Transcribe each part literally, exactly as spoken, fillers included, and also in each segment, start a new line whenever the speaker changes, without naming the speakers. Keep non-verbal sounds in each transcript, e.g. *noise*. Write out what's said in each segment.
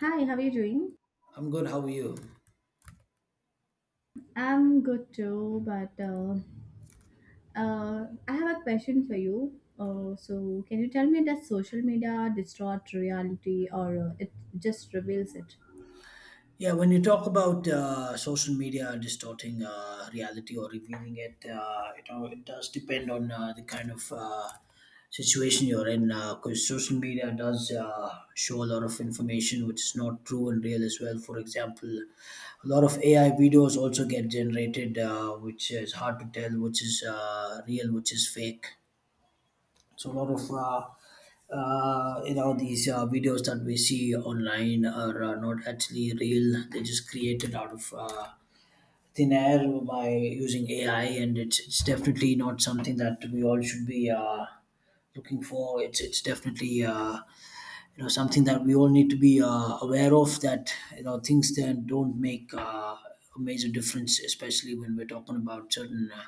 Hi, how are you doing?
I'm good. How are you?
I'm good too, but uh, uh, I have a question for you. Uh, so, can you tell me, does social media distort reality, or uh, it just reveals it?
Yeah, when you talk about uh, social media distorting uh, reality or revealing it, uh, you know, it does depend on uh, the kind of uh, situation you're in, because social media does uh, show a lot of information which is not true and real as well. For example, a lot of A I videos also get generated, uh, which is hard to tell which is uh, real, which is fake. So a lot of uh, uh, you know, these uh, videos that we see online are uh, not actually real. They're just created out of uh, thin air by using A I, and it's it's definitely not something that we all should be uh, looking for. It's it's definitely, uh, you know, something that we all need to be uh, aware of. That, you know, things that don't make uh, a major difference, especially when we're talking about certain. Uh,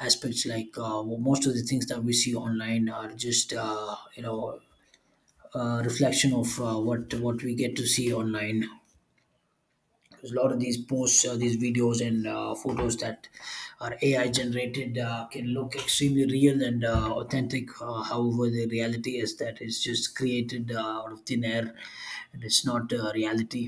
aspects like, uh, well, most of the things that we see online are just, uh, you know, uh, reflection of uh, what what we get to see online, because a lot of these posts, uh, these videos and uh, photos that are ai generated uh, can look extremely real and uh, authentic. Uh, however, the reality is that it's just created uh, out of thin air, and it's not uh, reality,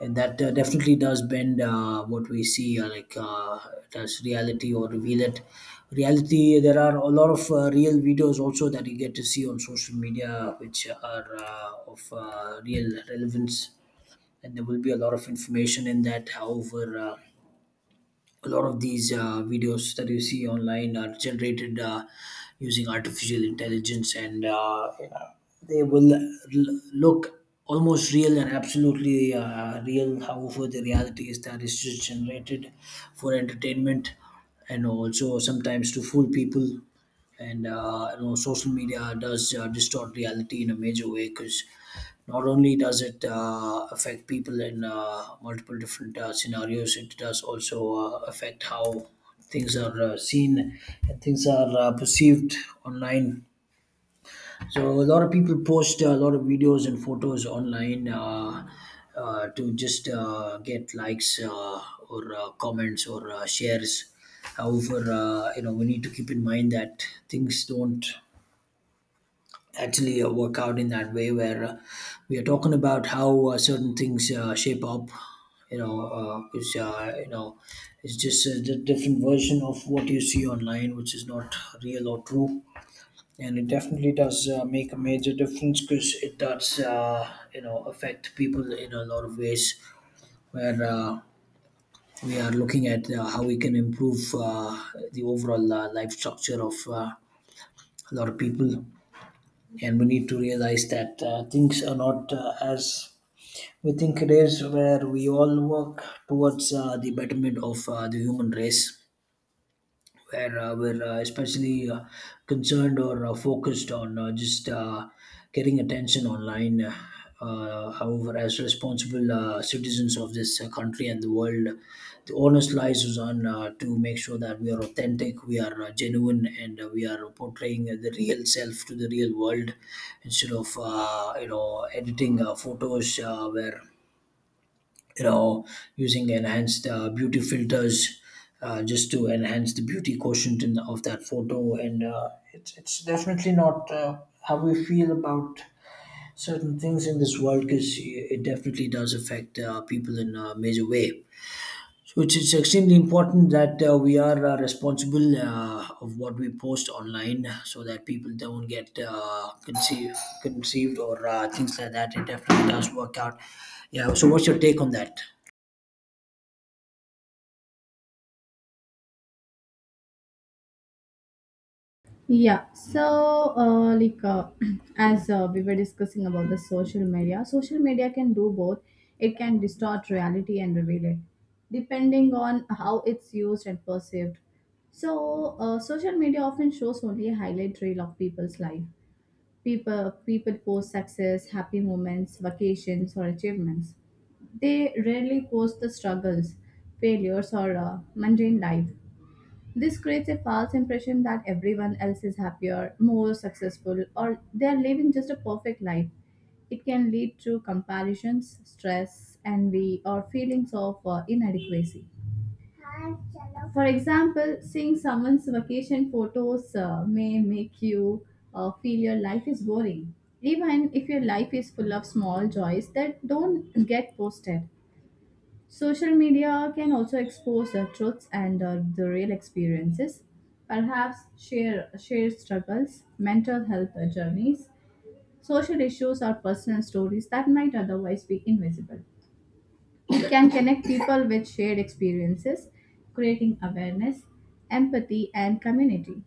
and that uh, definitely does bend uh, what we see, uh, like uh, does reality or reveal it. Reality, there are a lot of uh, real videos also that you get to see on social media, which are uh, of uh, real relevance. And there will be a lot of information in that. However, uh, a lot of these uh, videos that you see online are generated uh, using artificial intelligence, and uh, you know, they will l- look almost real and absolutely uh, real. However, the reality is that it's just generated for entertainment, and also sometimes to fool people. And uh, you know, social media does uh, distort reality in a major way, because not only does it uh, affect people in uh, multiple different uh, scenarios, it does also uh, affect how things are uh, seen and things are uh, perceived online. So a lot of people post a lot of videos and photos online, uh, uh, to just uh, get likes, uh, or uh, comments, or uh, shares. However, uh, you know, we need to keep in mind that things don't actually uh, work out in that way, where uh, we are talking about how uh, certain things uh, shape up. You know, uh, it's uh, you know, it's just a di- different version of what you see online, which is not real or true. And it definitely does uh, make a major difference, because it does, uh, you know, affect people in a lot of ways, where uh, we are looking at uh, how we can improve uh, the overall uh, life structure of uh, a lot of people. And we need to realize that uh, things are not uh, as we think it is, where we all work towards uh, the betterment of uh, the human race, where uh, we're uh, especially uh, concerned or uh, focused on uh, just uh, getting attention online. Uh, however, as responsible uh, citizens of this uh, country and the world, the onus lies is on uh, to make sure that we are authentic, we are uh, genuine, and uh, we are portraying uh, the real self to the real world, instead of, uh, you know, editing uh, photos, uh, where, you know, using enhanced uh, beauty filters uh, just to enhance the beauty quotient in, of that photo. And uh, it's, it's definitely not uh, how we feel about certain things in this world, because it definitely does affect uh, people in a major way. So it's, it's extremely important that uh, we are uh, responsible uh, of what we post online, so that people don't get uh, conceived, conceived, or uh, things like that. It definitely does work out. Yeah. So what's your take on that?
Yeah, so uh, like uh, *clears throat* as uh, we were discussing about the social media, social media can do both. It can distort reality and reveal it, depending on how it's used and perceived. So, uh, social media often shows only a highlight reel of people's life. People, people post success, happy moments, vacations, or achievements. They rarely post the struggles, failures, or uh, mundane life. This creates a false impression that everyone else is happier, more successful, or they are living just a perfect life. It can lead to comparisons, stress, envy, or feelings of uh, inadequacy. For example, seeing someone's vacation photos uh, may make you uh, feel your life is boring, even if your life is full of small joys that don't get posted. Social media can also expose the truths and uh, the real experiences, perhaps share share struggles, mental health uh, journeys, social issues, or personal stories that might otherwise be invisible, can connect people with shared experiences, creating awareness, empathy, and community.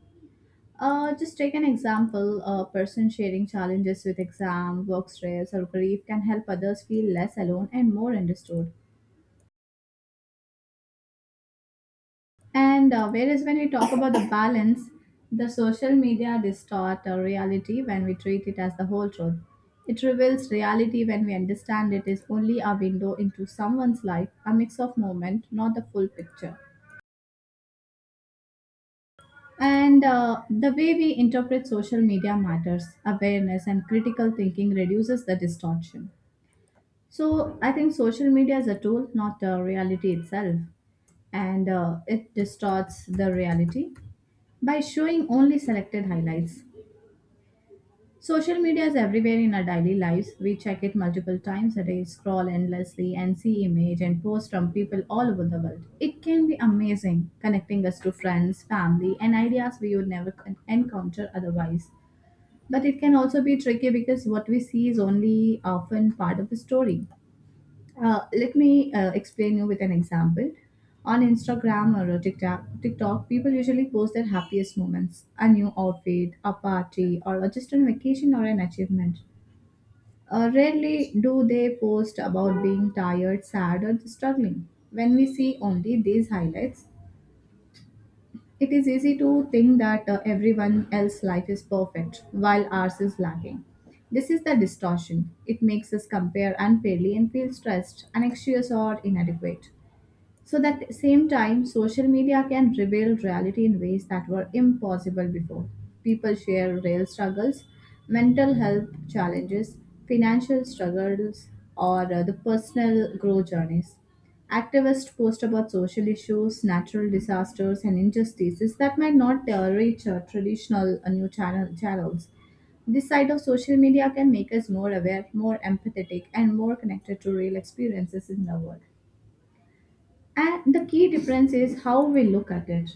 Uh, just take an example: a person sharing challenges with exam, work stress, or grief can help others feel less alone and more understood. And uh, whereas when we talk about the balance, the social media distort our reality when we treat it as the whole truth. It reveals reality when we understand it is only a window into someone's life, a mix of moment, not the full picture. And uh, the way we interpret social media matters. Awareness and critical thinking reduces the distortion. So I think social media is a tool, not the reality itself. And uh, it distorts the reality by showing only selected highlights. Social media is everywhere in our daily lives. We check it multiple times a day, scroll endlessly, and see images and posts from people all over the world. It can be amazing, connecting us to friends, family, and ideas we would never con- encounter otherwise. But it can also be tricky because what we see is only often part of the story. Uh, let me uh, explain you with an example. On Instagram or a TikTok, TikTok, people usually post their happiest moments, a new outfit, a party, or just a vacation or an achievement. Uh, rarely do they post about being tired, sad, or struggling. When we see only these highlights, it is easy to think that uh, everyone else's life is perfect while ours is lacking. This is the distortion. It makes us compare unfairly and feel stressed, anxious, or inadequate. So that at the same time, social media can reveal reality in ways that were impossible before. People share real struggles, mental health challenges, financial struggles, or uh, the personal growth journeys. Activists post about social issues, natural disasters, and injustices that might not uh, reach uh, traditional uh, new channel- channels. This side of social media can make us more aware, more empathetic, and more connected to real experiences in the world. And the key difference is how we look at it.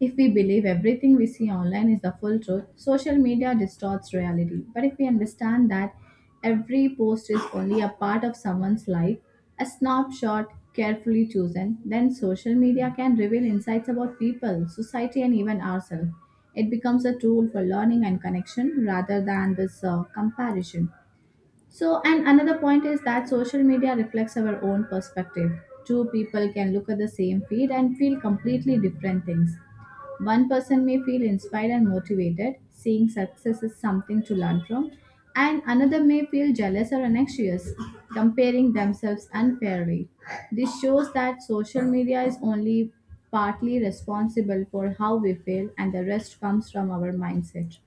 If we believe everything we see online is the full truth, social media distorts reality. But if we understand that every post is only a part of someone's life, a snapshot carefully chosen, then social media can reveal insights about people, society, and even ourselves. It becomes a tool for learning and connection rather than this uh, comparison. So, and another point is that social media reflects our own perspective. Two people can look at the same feed and feel completely different things. One person may feel inspired and motivated, seeing success is something to learn from, and another may feel jealous or anxious, comparing themselves unfairly. This shows that social media is only partly responsible for how we feel, and the rest comes from our mindset.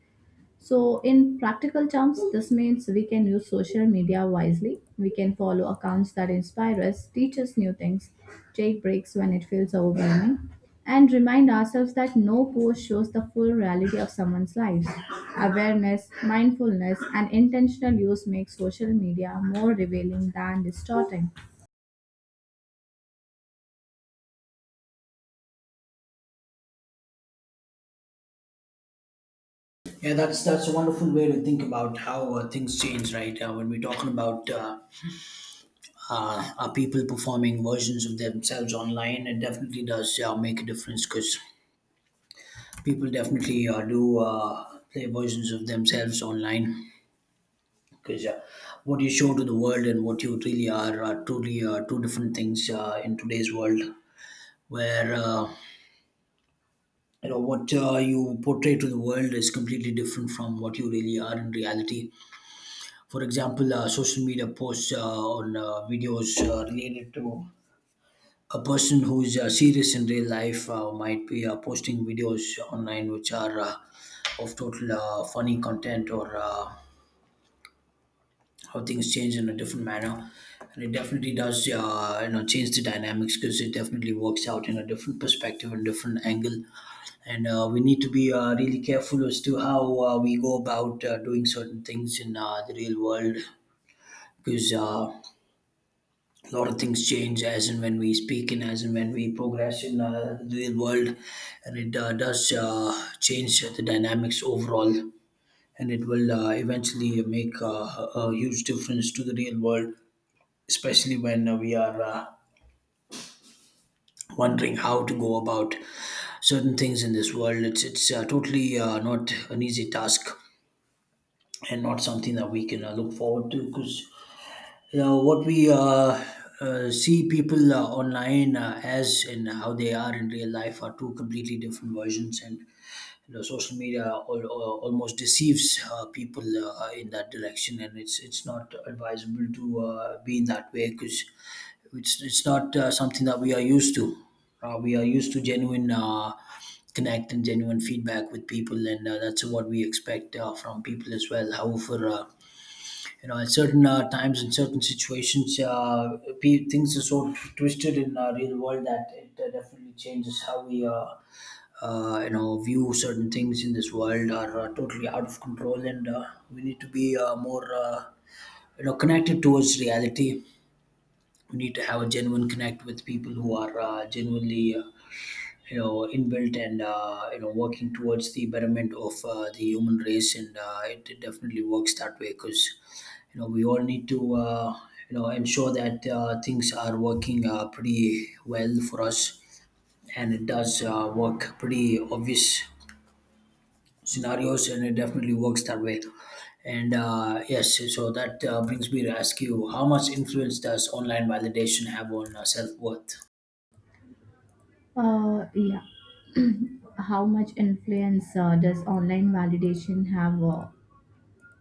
So, in practical terms, this means we can use social media wisely. We can follow accounts that inspire us, teach us new things, take breaks when it feels overwhelming, and remind ourselves that no post shows the full reality of someone's lives. Awareness, mindfulness, and intentional use make social media more revealing than distorting.
Yeah, that's that's a wonderful way to think about how uh, things change, right? Uh, when we're talking about uh, uh, are people performing versions of themselves online, it definitely does uh, make a difference, because people definitely uh, do uh, play versions of themselves online. Because uh, what you show to the world and what you really are are truly uh, two different things uh, in today's world, where, uh, you know, what uh, you portray to the world is completely different from what you really are in reality. For example, uh, social media posts uh, on uh, videos uh, related to a person who's uh, serious in real life uh, might be uh, posting videos online which are uh, of total uh, funny content, or uh, how things change in a different manner. And it definitely does, uh, you know, change the dynamics, because it definitely works out in a different perspective and different angle. And uh, we need to be uh, really careful as to how uh, we go about uh, doing certain things in uh, the real world, because uh, a lot of things change as and when we speak, and as and when we progress in uh, the real world. And it uh, does uh, change the dynamics overall, and it will uh, eventually make uh, a huge difference to the real world, especially when uh, we are uh, wondering how to go about certain things in this world. It's it's uh, totally uh, not an easy task, and not something that we can uh, look forward to. Because you know what we uh, uh, see people uh, online uh, as and how they are in real life are two completely different versions. And you know, social media al- al- almost deceives uh, people uh, in that direction, and it's it's not advisable to uh, be in that way, because it's it's not uh, something that we are used to. Uh, we are used to genuine uh, connect and genuine feedback with people, and uh, that's what we expect uh, from people as well. However, Uh, you know, at certain uh, times in certain situations, uh, pe- things are so twisted in our real world that it uh, definitely changes how we uh, uh, you know, view certain things in this world are uh, totally out of control. And uh, we need to be uh, more uh, you know, connected towards reality. We need to have a genuine connect with people who are uh, genuinely, uh, you know, inbuilt, and uh, you know, working towards the betterment of uh, the human race. And uh, it, it definitely works that way, because you know, we all need to, uh, you know, ensure that uh, things are working uh, pretty well for us. And it does uh, work pretty obvious scenarios, and it definitely works that way. And uh, yes, so that uh, brings me to ask you, how much influence does online validation have on uh, self-worth?
Uh, yeah. How much influence uh, does online validation have uh,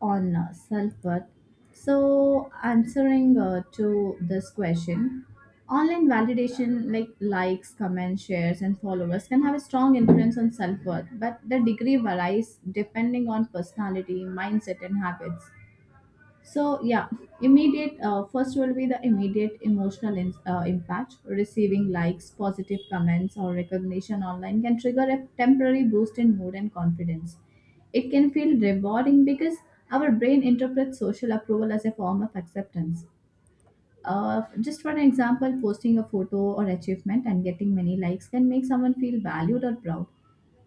on uh, self-worth? So, answering uh, to this question, online validation like likes, comments, shares, and followers can have a strong influence on self-worth, but the degree varies depending on personality, mindset, and habits. So yeah, immediate uh, first will be the immediate emotional in, uh, impact. Receiving likes, positive comments, or recognition online can trigger a temporary boost in mood and confidence. It can feel rewarding because our brain interprets social approval as a form of acceptance. Uh, just for an example, posting a photo or achievement and getting many likes can make someone feel valued or proud.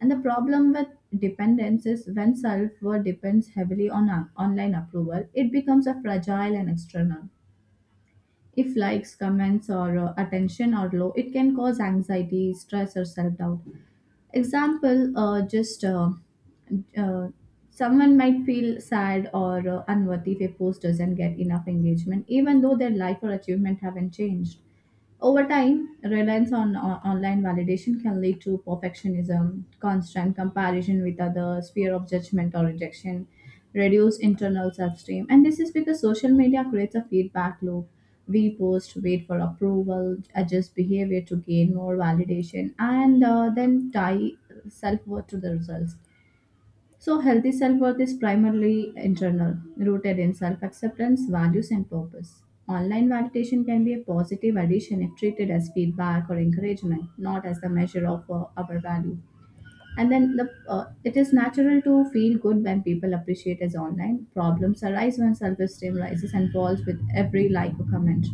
And the problem with dependence is, when self-worth depends heavily on on- online approval, it becomes a fragile and external. If likes, comments, or uh, attention are low, it can cause anxiety, stress, or self-doubt. Example, uh, just uh, uh, someone might feel sad or uh, unworthy if a post doesn't get enough engagement, even though their life or achievement haven't changed. Over time, reliance on o- online validation can lead to perfectionism, constant comparison with others, fear of judgment or rejection, reduced internal self esteem. And this is because social media creates a feedback loop. We post, wait for approval, adjust behavior to gain more validation, and uh, then tie self worth to the results. So, healthy self worth is primarily internal, rooted in self acceptance, values, and purpose. Online validation can be a positive addition if treated as feedback or encouragement, not as the measure of uh, our value. And then the, uh, it is natural to feel good when people appreciate us online. Problems arise when self esteem rises and falls with every like or comment.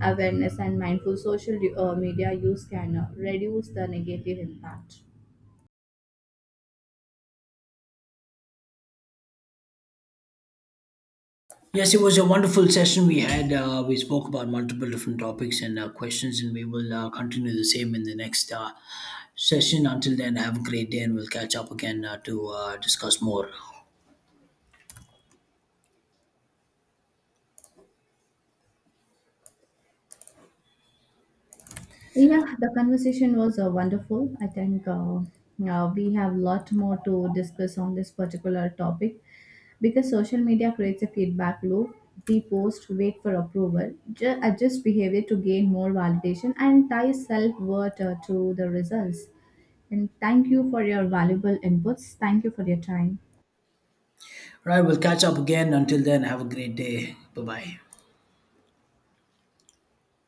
Awareness and mindful social uh, media use can uh, reduce the negative impact.
Yes, it was a wonderful session we had. Uh, we spoke about multiple different topics and uh, questions, and we will uh, continue the same in the next uh, session. Until then, have a great day, and we'll catch up again uh, to uh, discuss more.
Yeah, the conversation was uh, wonderful. I think uh, uh, we have a lot more to discuss on this particular topic because social media creates a feedback loop. We post, wait for approval, ju- adjust behavior to gain more validation, and tie self worth uh, to the results. And thank you for your valuable inputs. Thank you for your time.
Right, right, we'll catch up again. Until then, have a great day. Bye bye.